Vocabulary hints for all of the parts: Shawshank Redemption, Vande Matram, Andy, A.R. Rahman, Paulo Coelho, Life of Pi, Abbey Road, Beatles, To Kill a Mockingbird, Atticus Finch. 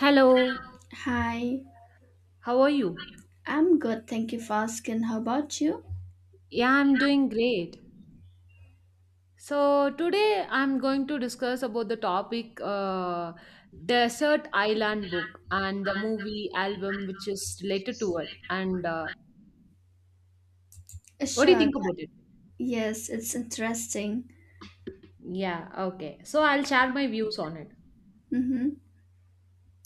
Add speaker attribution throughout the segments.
Speaker 1: Hello,
Speaker 2: Hi,
Speaker 1: how are you?
Speaker 2: I'm good. Thank you for asking. How about you?
Speaker 1: Yeah, I'm doing great. So today I'm going to discuss about the topic Desert Island book and the movie album which is related to it. And What do you
Speaker 2: Sure.
Speaker 1: think about it?
Speaker 2: Yes, it's interesting.
Speaker 1: Yeah, okay. So I'll share my views on it.
Speaker 2: Mm-hmm.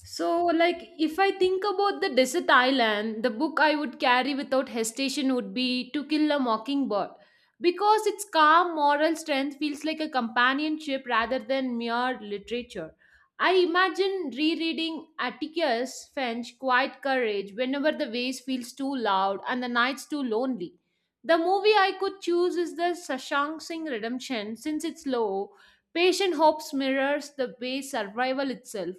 Speaker 1: So, like, if I think about the desert island, the book I would carry without hesitation would be To Kill a Mockingbird because its calm moral strength feels like a companionship rather than mere literature. I imagine rereading Atticus Finch's Quiet Courage whenever the waves feels too loud and the nights too lonely. The movie I could choose is the Shawshank Singh Redemption since it's low. Patient hopes mirrors the way survival itself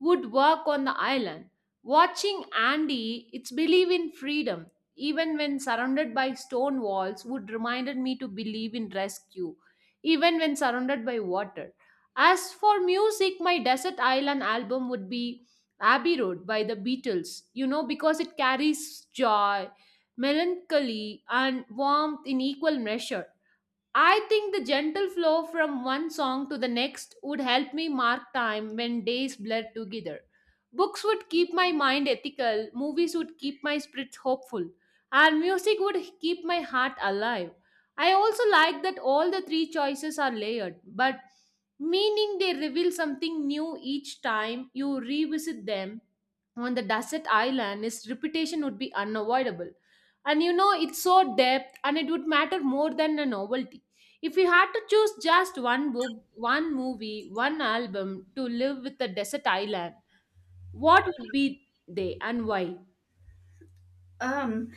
Speaker 1: would work on the island. Watching Andy, its belief in freedom, even when surrounded by stone walls, would reminded me to believe in rescue, even when surrounded by water. As for music, my desert island album would be Abbey Road by the Beatles, you know, because it carries joy, melancholy, and warmth in equal measure. I think the gentle flow from one song to the next would help me mark time when days blur together. Books would keep my mind ethical, movies would keep my spirits hopeful, and music would keep my heart alive. I also like that all the three choices are layered, but meaning they reveal something new each time you revisit them on the desert island, his reputation would be unavoidable. And you know, it's so depth and it would matter more than a novelty. If you had to choose just one book, one movie, one album to live with the desert island, what would be they and why?
Speaker 2: Um,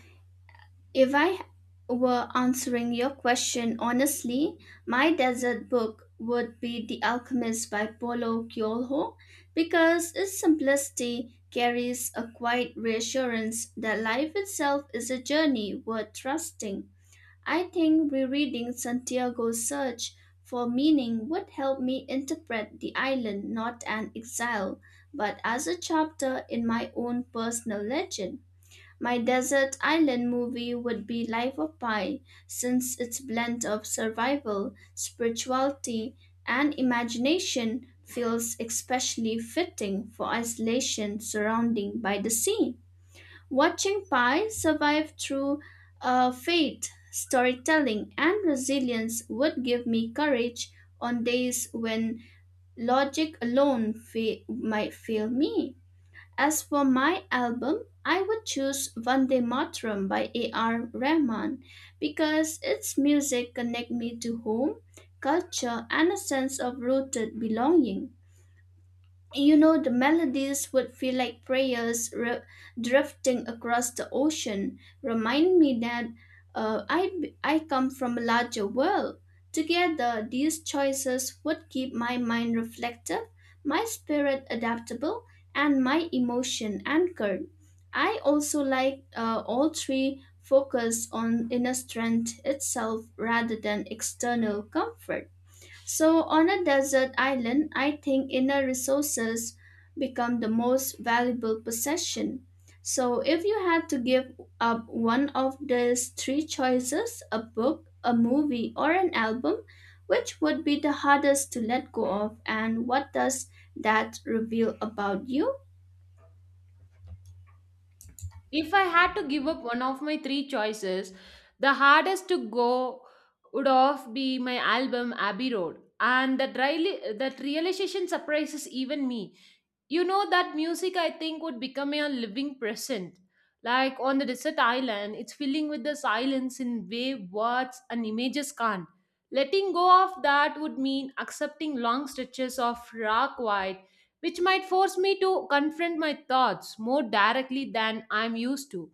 Speaker 2: if I were answering your question honestly, my desert book would be The Alchemist by Paulo Coelho because its simplicity carries a quiet reassurance that life itself is a journey worth trusting. I think rereading Santiago's search for meaning would help me interpret the island not an exile, but as a chapter in my own personal legend. My desert island movie would be Life of Pi, since its blend of survival, spirituality, and imagination feels especially fitting for isolation surrounding by the sea. Watching Pi survive through fate, storytelling, and resilience would give me courage on days when logic alone might fail me. As for my album, I would choose Vande Matram by A.R. Rahman because its music connect me to home, culture, and a sense of rooted belonging. You know, the melodies would feel like prayers drifting across the ocean, remind me that uh, I I come from a larger world. Together, these choices would keep my mind reflective, my spirit adaptable, and my emotion anchored. I also like all three focus on inner strength itself rather than external comfort. So, on a desert island, I think inner resources become the most valuable possession. So, if you had to give up one of these three choices a book, a movie, or an album which would be the hardest to let go of, and what does that reveal about you?
Speaker 1: If I had to give up one of my three choices, the hardest to go would of be my album Abbey Road. And that, really, that realization surprises even me, you know, that music, I think, would become a living present, like on the desert island. It's filling with the silence in way words and images can't. Letting go of that would mean accepting long stretches of raw quiet, which might force me to confront my thoughts more directly than I'm used to.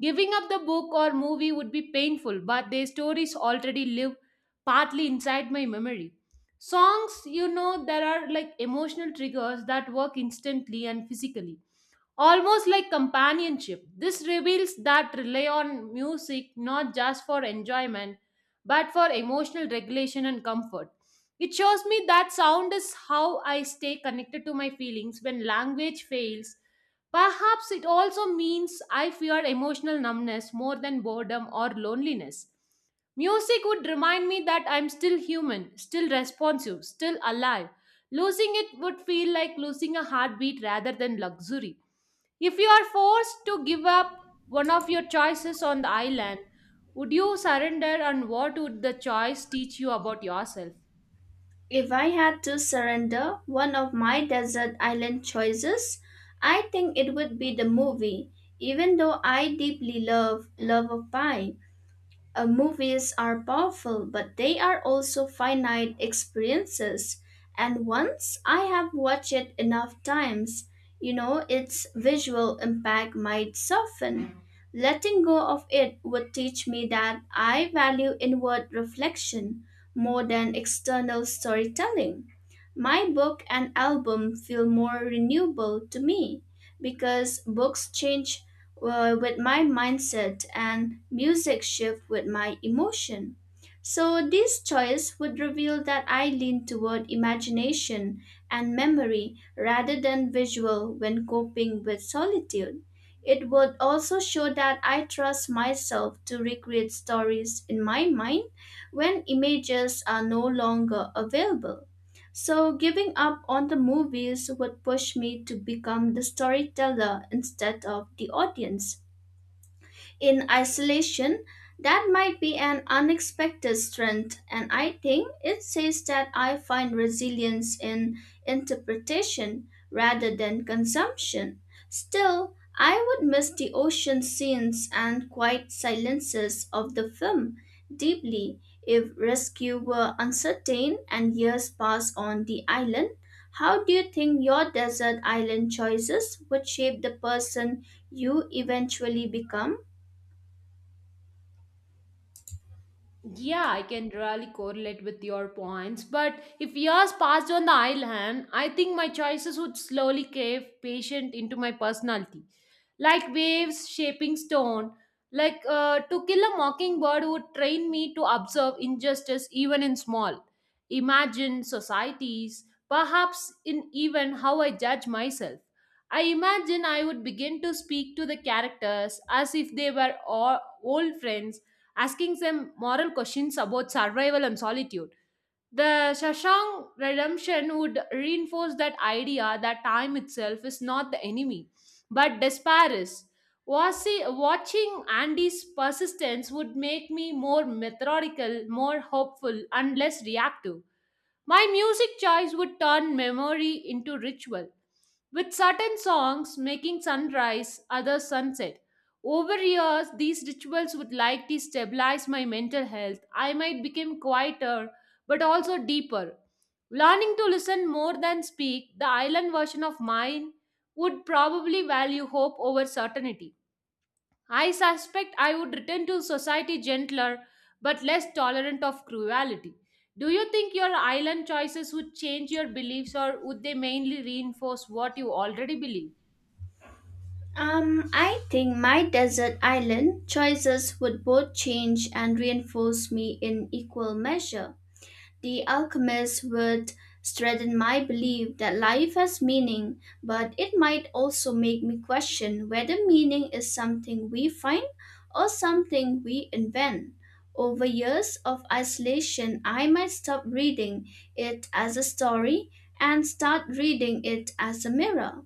Speaker 1: Giving up the book or movie would be painful, but their stories already live partly inside my memory. Songs, you know, there are like emotional triggers that work instantly and physically, almost like companionship. This reveals that rely on music not just for enjoyment but for emotional regulation and comfort. It shows me that sound is how I stay connected to my feelings when language fails. Perhaps it also means I fear emotional numbness more than boredom or loneliness. Music would remind me that I'm still human, still responsive, still alive. Losing it would feel like losing a heartbeat rather than luxury. If you are forced to give up one of your choices on the island, would you surrender and what would the choice teach you about yourself?
Speaker 2: If I had to surrender one of my desert island choices, I think it would be the movie, even though I deeply love Love of Pine. Movies are powerful, but they are also finite experiences. And once I have watched it enough times, you know, its visual impact might soften. Letting go of it would teach me that I value inward reflection more than external storytelling. My book and album feel more renewable to me because books change with my mindset and music shift with my emotion. So this choice would reveal that I lean toward imagination and memory rather than visual when coping with solitude. It would also show that I trust myself to recreate stories in my mind when images are no longer available. So, giving up on the movies would push me to become the storyteller instead of the audience in isolation, that might be an unexpected strength, and I think it says that I find resilience in interpretation rather than consumption. Still, I would miss the ocean scenes and quiet silences of the film deeply if rescue were uncertain and years pass on the island. How do you think your desert island choices would shape the person you eventually become?
Speaker 1: Yeah, I can really correlate with your points. But if years passed on the island, I think my choices would slowly crave patient into my personality. Like waves shaping stone. To kill a mockingbird would train me to observe injustice even in small. Imagine societies, perhaps in even how I judge myself. I imagine I would begin to speak to the characters as if they were all old friends asking them moral questions about survival and solitude. The Shashank redemption would reinforce that idea that time itself is not the enemy, but despair is. Watching Andy's persistence would make me more methodical, more hopeful, and less reactive. My music choice would turn memory into ritual with certain songs making sunrise, others sunset. Over years, these rituals would likely stabilize my mental health. I might become quieter, but also deeper. Learning to listen more than speak, the island version of mine would probably value hope over certainty. I suspect I would return to society gentler but less tolerant of cruelty. Do you think your island choices would change your beliefs or would they mainly reinforce what you already believe?
Speaker 2: I think my desert island choices would both change and reinforce me in equal measure. The alchemist would strengthen my belief that life has meaning, but it might also make me question whether meaning is something we find or something we invent. Over years of isolation, I might stop reading it as a story and start reading it as a mirror.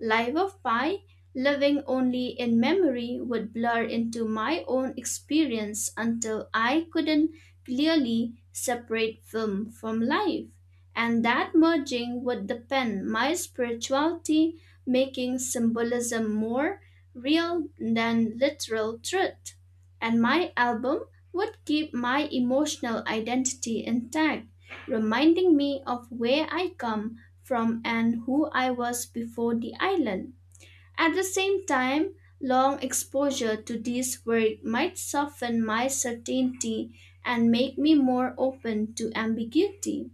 Speaker 2: Life of Pi, living only in memory, would blur into my own experience until I couldn't clearly separate film from life. And that merging would deepen my spirituality, making symbolism more real than literal truth. And my album would keep my emotional identity intact, reminding me of where I come from and who I was before the island. At the same time, long exposure to this work might soften my certainty and make me more open to ambiguity.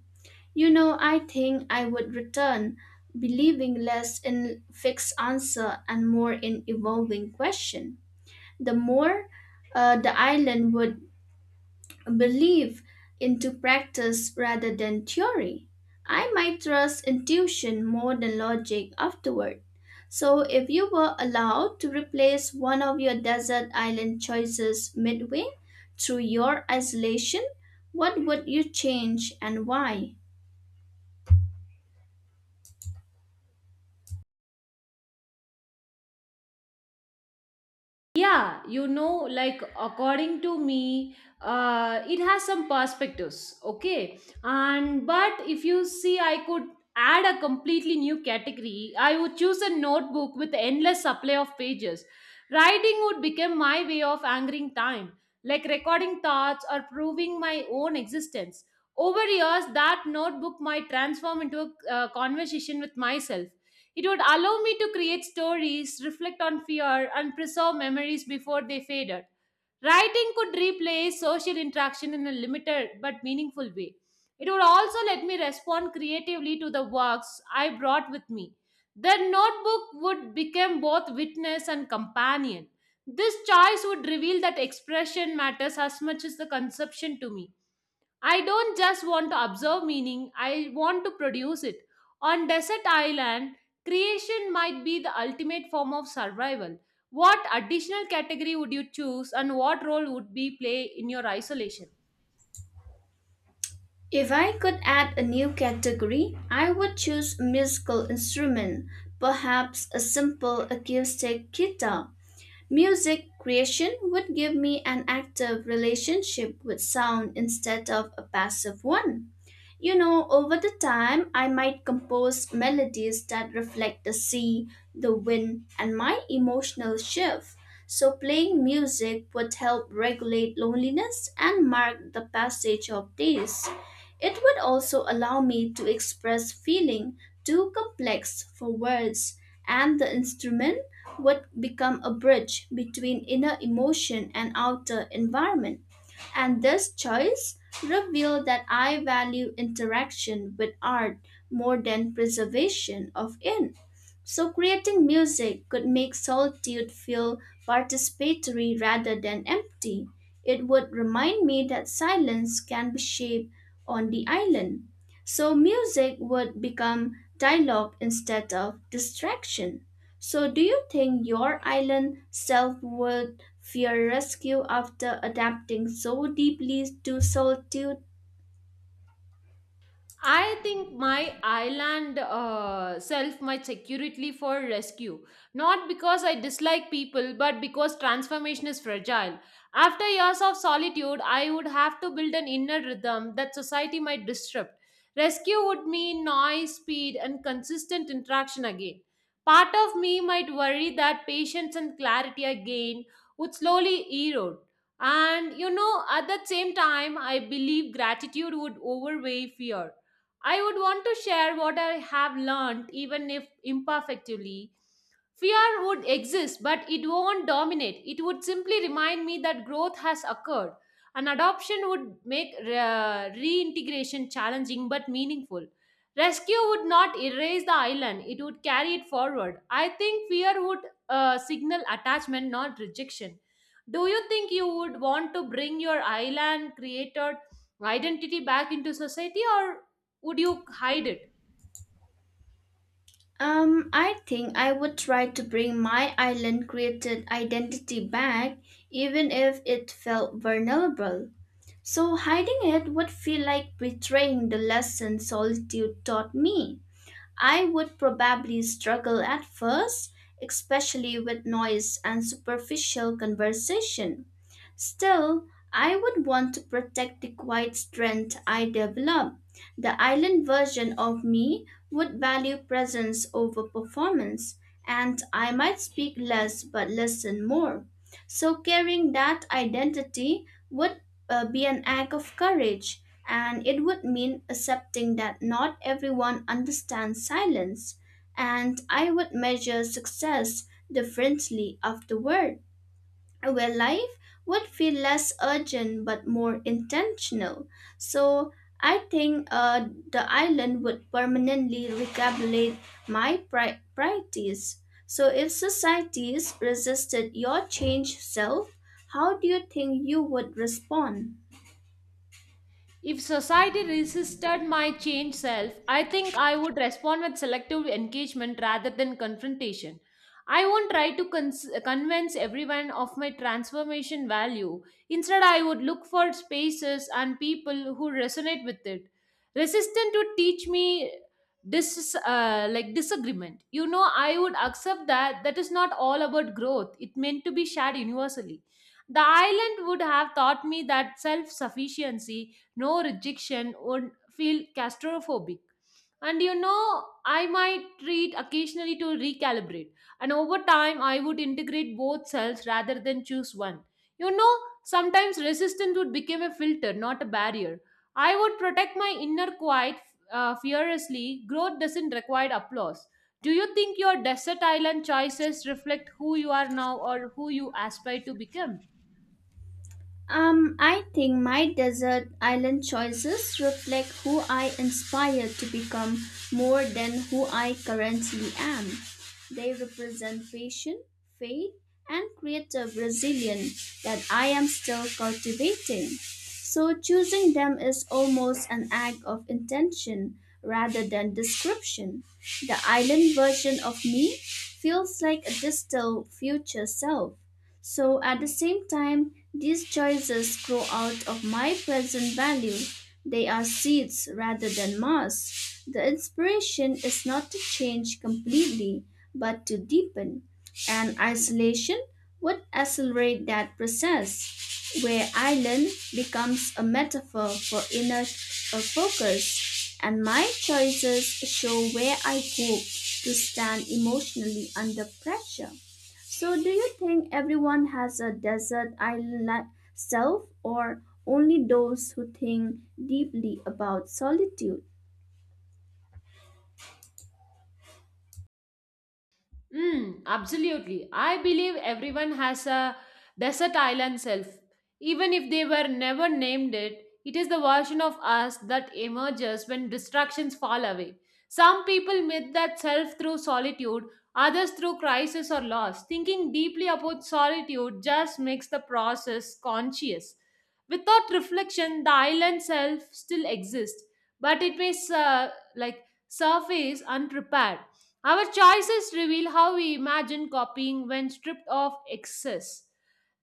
Speaker 2: You know, I think I would return believing less in fixed answer and more in evolving question. The more the island would belief into practice rather than theory. I might trust intuition more than logic afterward. So, if you were allowed to replace one of your desert island choices midway through your isolation, what would you change and why?
Speaker 1: Yeah, you know, like according to me, it has some perspectives, okay? And but if you see, I could add a completely new category. I would choose a notebook with endless supply of pages. Writing would become my way of angering time, like recording thoughts or proving my own existence. Over years, that notebook might transform into a conversation with myself. It would allow me to create stories, reflect on fear, and preserve memories before they faded. Writing could replace social interaction in a limited but meaningful way. It would also let me respond creatively to the works I brought with me. The notebook would become both witness and companion. This choice would reveal that expression matters as much as the conception to me. I don't just want to observe meaning, I want to produce it. On desert island, creation might be the ultimate form of survival. What additional category would you choose and what role would be play in your isolation?
Speaker 2: If I could add a new category, I would choose a musical instrument, perhaps a simple acoustic guitar. Music creation would give me an active relationship with sound instead of a passive one. You know, over the time, I might compose melodies that reflect the sea, the wind, and my emotional shift. So, playing music would help regulate loneliness and mark the passage of days. It would also allow me to express feeling too complex for words, and the instrument would become a bridge between inner emotion and outer environment. And this choice revealed that I value interaction with art more than preservation of it. So, creating music could make solitude feel participatory rather than empty. It would remind me that silence can be shaped on the island. So, music would become dialogue instead of distraction. So, do you think your island self would fear rescue after adapting so deeply to solitude?
Speaker 1: I think my island self might securely for rescue, not because I dislike people, but because transformation is fragile. After years of solitude, I would have to build an inner rhythm that society might disrupt. Rescue would mean noise, speed, and consistent interaction again. Part of me might worry that patience and clarity I gain would slowly erode. And you know, at the same time, I believe gratitude would overweigh fear. I would want to share what I have learned, even if imperfectly. Fear would exist, but it won't dominate. It would simply remind me that growth has occurred. An adoption would make reintegration challenging but meaningful. Rescue would not erase the island, it would carry it forward. I think fear would signal attachment, not rejection. Do you think you would want to bring your island created identity back into society, or would you hide it?
Speaker 2: I think I would try to bring my island created identity back, even if it felt vulnerable. So, hiding it would feel like betraying the lesson solitude taught me. I would probably struggle at first, especially with noise and superficial conversation. Still, I would want to protect the quiet strength I develop. The island version of me would value presence over performance, and I might speak less but listen more. So, carrying that identity would be an act of courage, and it would mean accepting that not everyone understands silence. And I would measure success differently afterward where life would feel less urgent but more intentional. So I think the island would permanently recalculate my priorities. So if societies resisted your change self, how do you think you would respond?
Speaker 1: If society resisted my changed self, I think I would respond with selective engagement rather than confrontation. I won't try to convince everyone of my transformation value. Instead, I would look for spaces and people who resonate with it. Resistance would teach me like disagreement. You know, I would accept that that is not all about growth. It meant to be shared universally. The island would have taught me that self sufficiency no rejection would feel claustrophobic. And you know, I might treat occasionally to recalibrate. And over time, I would integrate both selves rather than choose one. You know, sometimes resistance would become a filter, not a barrier. I would protect my inner quiet fearlessly. Growth doesn't require applause. Do you think your desert island choices reflect who you are now or who you aspire to become?
Speaker 2: I think my desert island choices reflect who I inspire to become more than who I currently am. They represent passion, faith, and creative resilience that I am still cultivating. So choosing them is almost an act of intention rather than description. The island version of me feels like a distant future self so at the same time, these choices grow out of my present value. They are seeds rather than mass. The inspiration is not to change completely, but to deepen. And isolation would accelerate that process, where island becomes a metaphor for inner focus. And my choices show where I hope to stand emotionally under pressure. So, do you think everyone has a desert island like self, or only those who think deeply about solitude?
Speaker 1: Mm, absolutely. I believe everyone has a desert island self. Even if they were never named it, it is the version of us that emerges when distractions fall away. Some people meet that self through solitude, others through crisis or loss. Thinking deeply about solitude just makes the process conscious. Without reflection, the island self still exists, but it may like surface unprepared. Our choices reveal how we imagine copying when stripped of excess.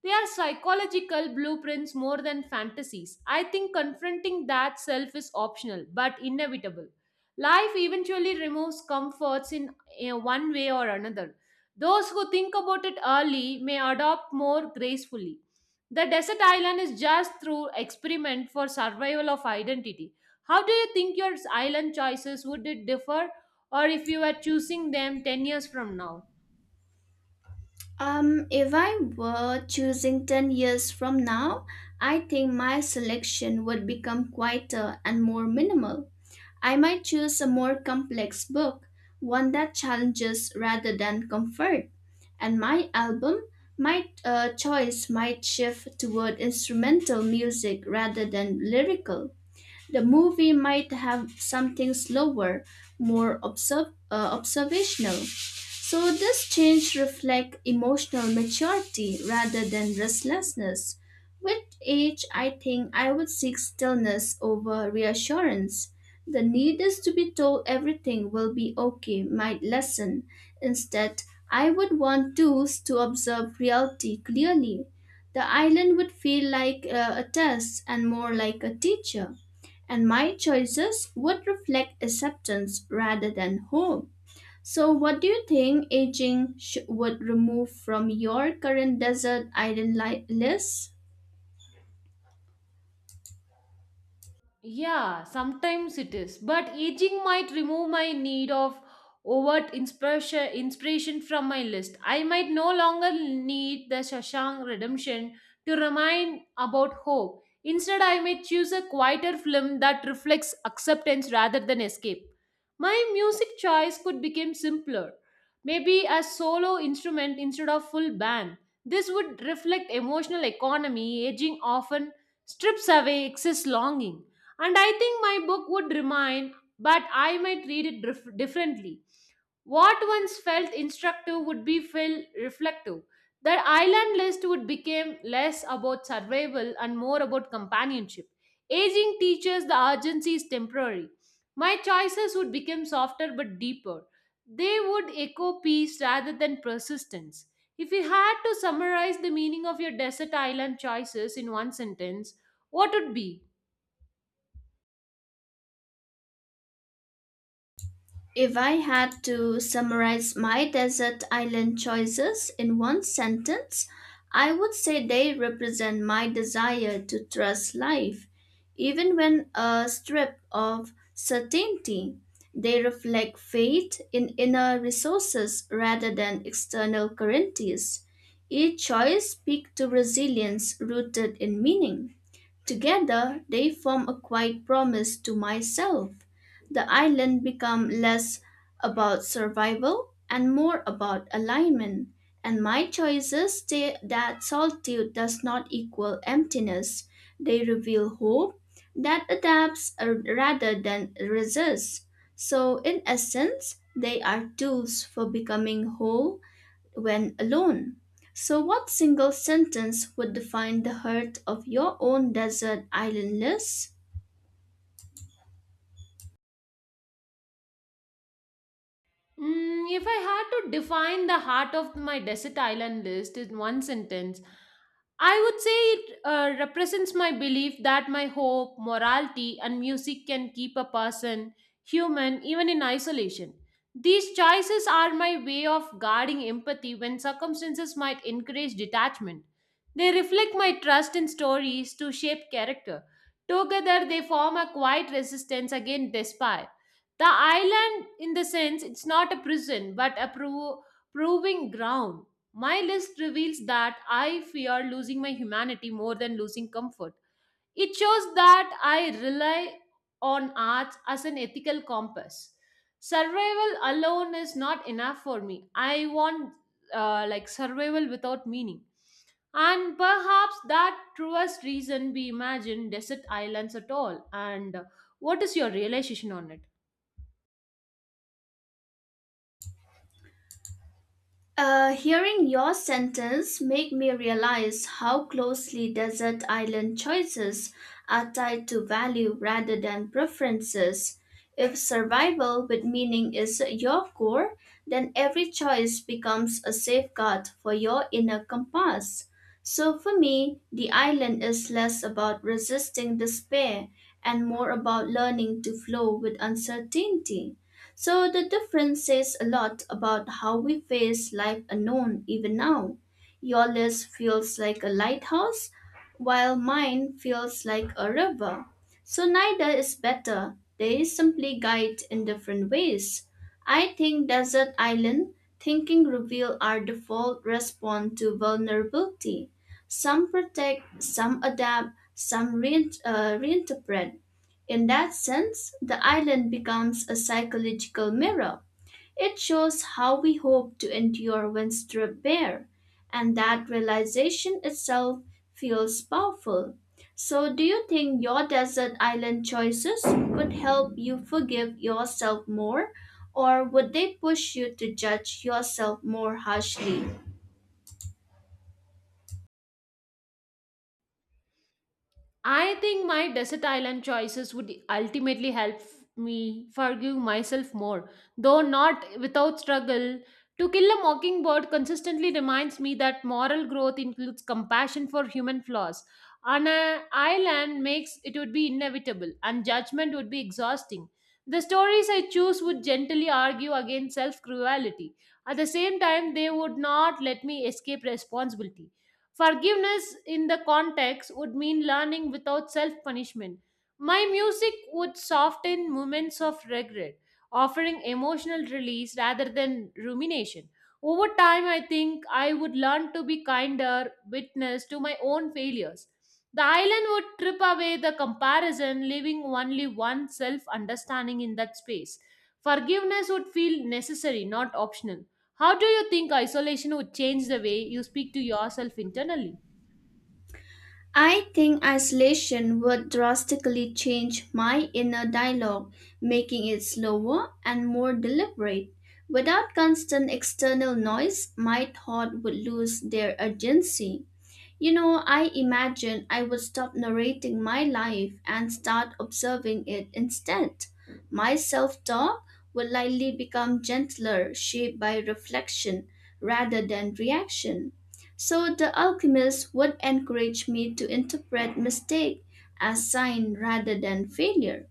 Speaker 1: They are psychological blueprints more than fantasies. I think confronting that self is optional but inevitable. Life eventually removes comforts in one way or another. Those who think about it early may adopt more gracefully. The desert island is just through experiment for survival of identity. How do you think your island choices would it differ or if you were choosing them 10 years from now?
Speaker 2: If I were choosing 10 years from now, I think my selection would become quieter and more minimal. I might choose a more complex book, one that challenges rather than comfort. And my album, my choice might shift toward instrumental music rather than lyrical. The movie might have something slower, more observational. So this change reflects emotional maturity rather than restlessness. With age, I think I would seek stillness over reassurance. The need is to be told everything will be okay might lessen. Instead, I would want tools to observe reality clearly. The island would feel like a test and more like a teacher, and my choices would reflect acceptance rather than hope. So, what do you think aging would remove from your current desert island list?
Speaker 1: Yeah, sometimes it is. But aging might remove my need of overt inspiration from my list. I might no longer need the Shashank redemption to remind about hope. Instead, I may choose a quieter film that reflects acceptance rather than escape. My music choice could become simpler, maybe a solo instrument instead of full band. This would reflect emotional economy aging often strips away excess longing. And I think my book would remain, but I might read it differently. What once felt instructive would be feel reflective. The island list would become less about survival and more about companionship. Aging teaches the urgency is temporary. My choices would become softer but deeper. They would echo peace rather than persistence. If you had to summarize the meaning of your desert island choices in one sentence, what would be?
Speaker 2: If I had to summarize my desert island choices in one sentence, I would say they represent my desire to trust life, even when a strip of certainty. They reflect faith in inner resources rather than external currencies. Each choice speaks to resilience rooted in meaning. Together, they form a quiet promise to myself. The island become less about survival and more about alignment, and my choices say that solitude does not equal emptiness. They reveal hope that adapts rather than resists. So, in essence, they are tools for becoming whole when alone. So, what single sentence would define the heart of your own desert island list?
Speaker 1: Mm, if I had to define the heart of my desert island list in one sentence, I would say it represents my belief that my hope, morality, and music can keep a person human even in isolation. These choices are my way of guarding empathy when circumstances might encourage detachment. They reflect my trust in stories to shape character. Together, they form a quiet resistance against despair. The island, in the sense, it's not a prison but a proving ground. My list reveals that I fear losing my humanity more than losing comfort. It shows that I rely on arts as an ethical compass. Survival alone is not enough for me. I want like survival without meaning. And perhaps that truest reason we imagine desert islands at all. And What is your realization on it?
Speaker 2: Hearing your sentence make me realize how closely desert island choices are tied to value rather than preferences. If survival with meaning is your core, then every choice becomes a safeguard for your inner compass. So for me, the island is less about resisting despair and more about learning to flow with uncertainty. So the difference says a lot about how we face life unknown even now. Your list feels like a lighthouse, while mine feels like a river. So neither is better. They simply guide in different ways. I think desert island thinking reveal our default response to vulnerability. Some protect, some adapt, some reinterpret. In that sense, the island becomes a psychological mirror. It shows how we hope to endure when stripped bare, and that realization itself feels powerful. So, do you think your desert island choices could help you forgive yourself more, or would they push you to judge yourself more harshly?
Speaker 1: I think my desert island choices would ultimately help me forgive myself more, though not without struggle. To Kill a Mockingbird consistently reminds me that moral growth includes compassion for human flaws. On an island makes it would be inevitable, and judgment would be exhausting. The stories I choose would gently argue against self cruelty. At the same time, they would not let me escape responsibility. Forgiveness in the context would mean learning without self punishment. My music would soften moments of regret, offering emotional release rather than rumination. Over time, I think I would learn to be kinder witness to my own failures. The island would trip away the comparison, leaving only one self understanding in that space. Forgiveness would feel necessary, not optional. How do you think isolation would change the way you speak to yourself internally?
Speaker 2: I think isolation would drastically change my inner dialogue, making it slower and more deliberate. Without constant external noise, my thought would lose their urgency. You know, I imagine I would stop narrating my life and start observing it instead. My self talk would likely become gentler, shaped by reflection rather than reaction. So the alchemist would encourage me to interpret mistake as sign rather than failure.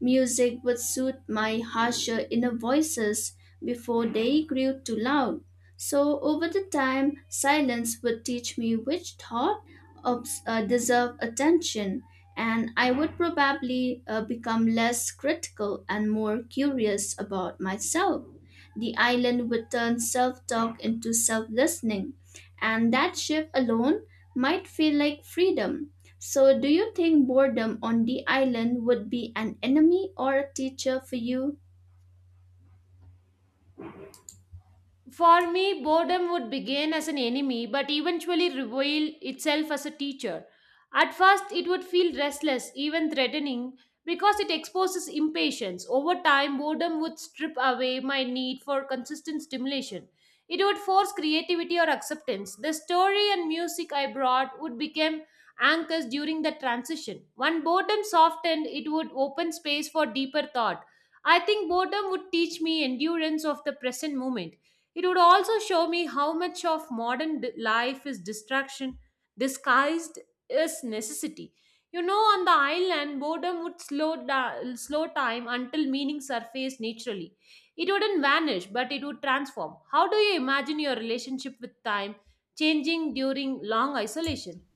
Speaker 2: Music would soothe my harsher inner voices before they grew too loud. So over the time, silence would teach me which thought deserve attention, and I would probably become less critical and more curious about myself. The island would turn self-talk into self-listening, and that shift alone might feel like freedom. So, do you think boredom on the island would be an enemy or a teacher for you?
Speaker 1: For me, boredom would begin as an enemy but eventually reveal itself as a teacher. At first, it would feel restless, even threatening, because it exposes impatience. Over time, boredom would strip away my need for consistent stimulation. It would force creativity or acceptance. The story and music I brought would become anchors during the transition. When boredom softened, it would open space for deeper thought. I think boredom would teach me endurance of the present moment. It would also show me how much of life is distraction disguised as necessity. You know, on the island, boredom would slow time until meaning surfaced naturally. It wouldn't vanish, but it would transform. How do you imagine your relationship with time changing during long isolation?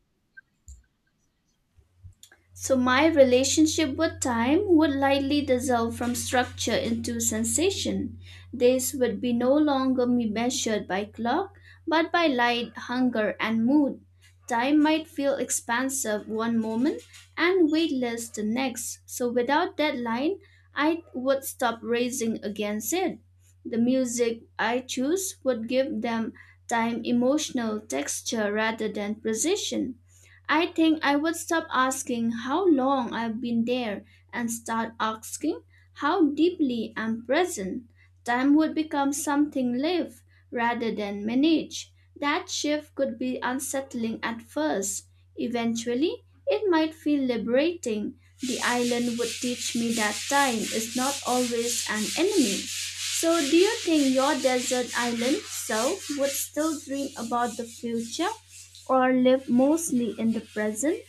Speaker 2: So my relationship with time would lightly dissolve from structure into sensation. This would be no longer me measured by clock, but by light, hunger, and mood. Time might feel expansive one moment and weightless the next. So without deadline, I would stop racing against it. The music I choose would give them time emotional texture rather than precision. I think I would stop asking how long I've been there and start asking how deeply I'm present. Time would become something live rather than manage. That shift could be unsettling at first. Eventually, it might feel liberating. The island would teach me that time is not always an enemy. So, do you think your desert island self would still dream about the future or live mostly in the present?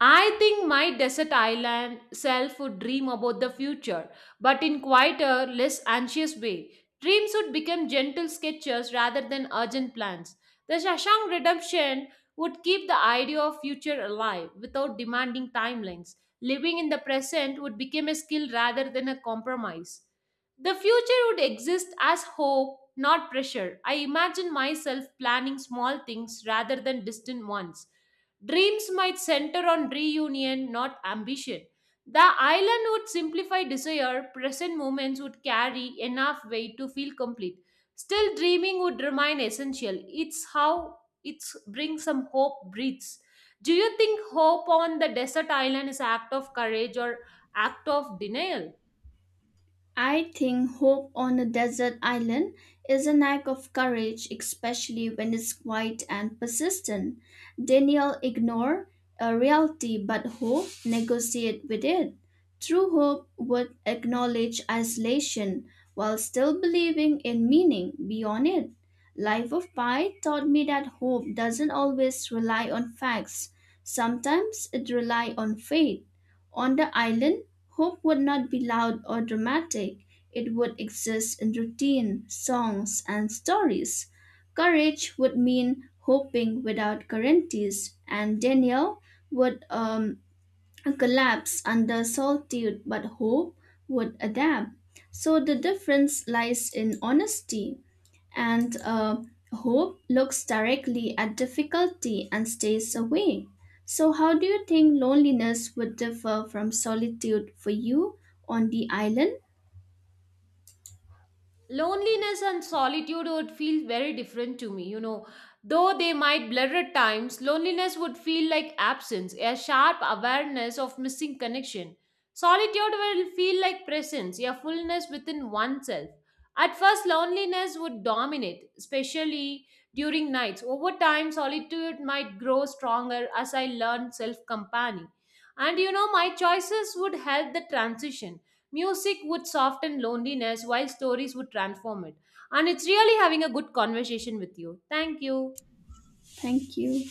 Speaker 1: I think my desert island self would dream about the future, but in quieter, less anxious way. Dreams would become gentle sketches rather than urgent plans. The Shashank Redemption would keep the idea of future alive without demanding timelines. Living in the present would become a skill rather than a compromise. The future would exist as hope, not pressure. I imagine myself planning small things rather than distant ones. Dreams might center on reunion, not ambition. The island would simplify desire, present moments would carry enough weight to feel complete. Still, dreaming would remain essential. It's how it brings some hope, breathes. Do you think hope on the desert island is act of courage or act of denial?
Speaker 2: I think hope on a desert island is an act of courage, especially when it's quiet and persistent. Daniel ignore a reality, but hope negotiate with it. True hope would acknowledge isolation while still believing in meaning beyond it. Life of Pi taught me that hope doesn't always rely on facts. Sometimes it relies on faith. On the island, hope would not be loud or dramatic. It would exist in routine, songs, and stories. Courage would mean hoping without guarantees, and Daniel would collapse under solitude, but hope would adapt. So the difference lies in honesty, and hope looks directly at difficulty and stays away. So, how do you think loneliness would differ from solitude for you on the island?
Speaker 1: Loneliness and solitude would feel very different to me, you know, though they might blur at times. Loneliness would feel like absence, a sharp awareness of missing connection. Solitude will feel like presence, a fullness within oneself. At first loneliness would dominate, especially during nights. Over time solitude might grow stronger as I learn self company, and you know, my choices would help the transition. Music would soften loneliness while stories would transform it. And it's really having a good conversation with you. Thank you.
Speaker 2: Thank you.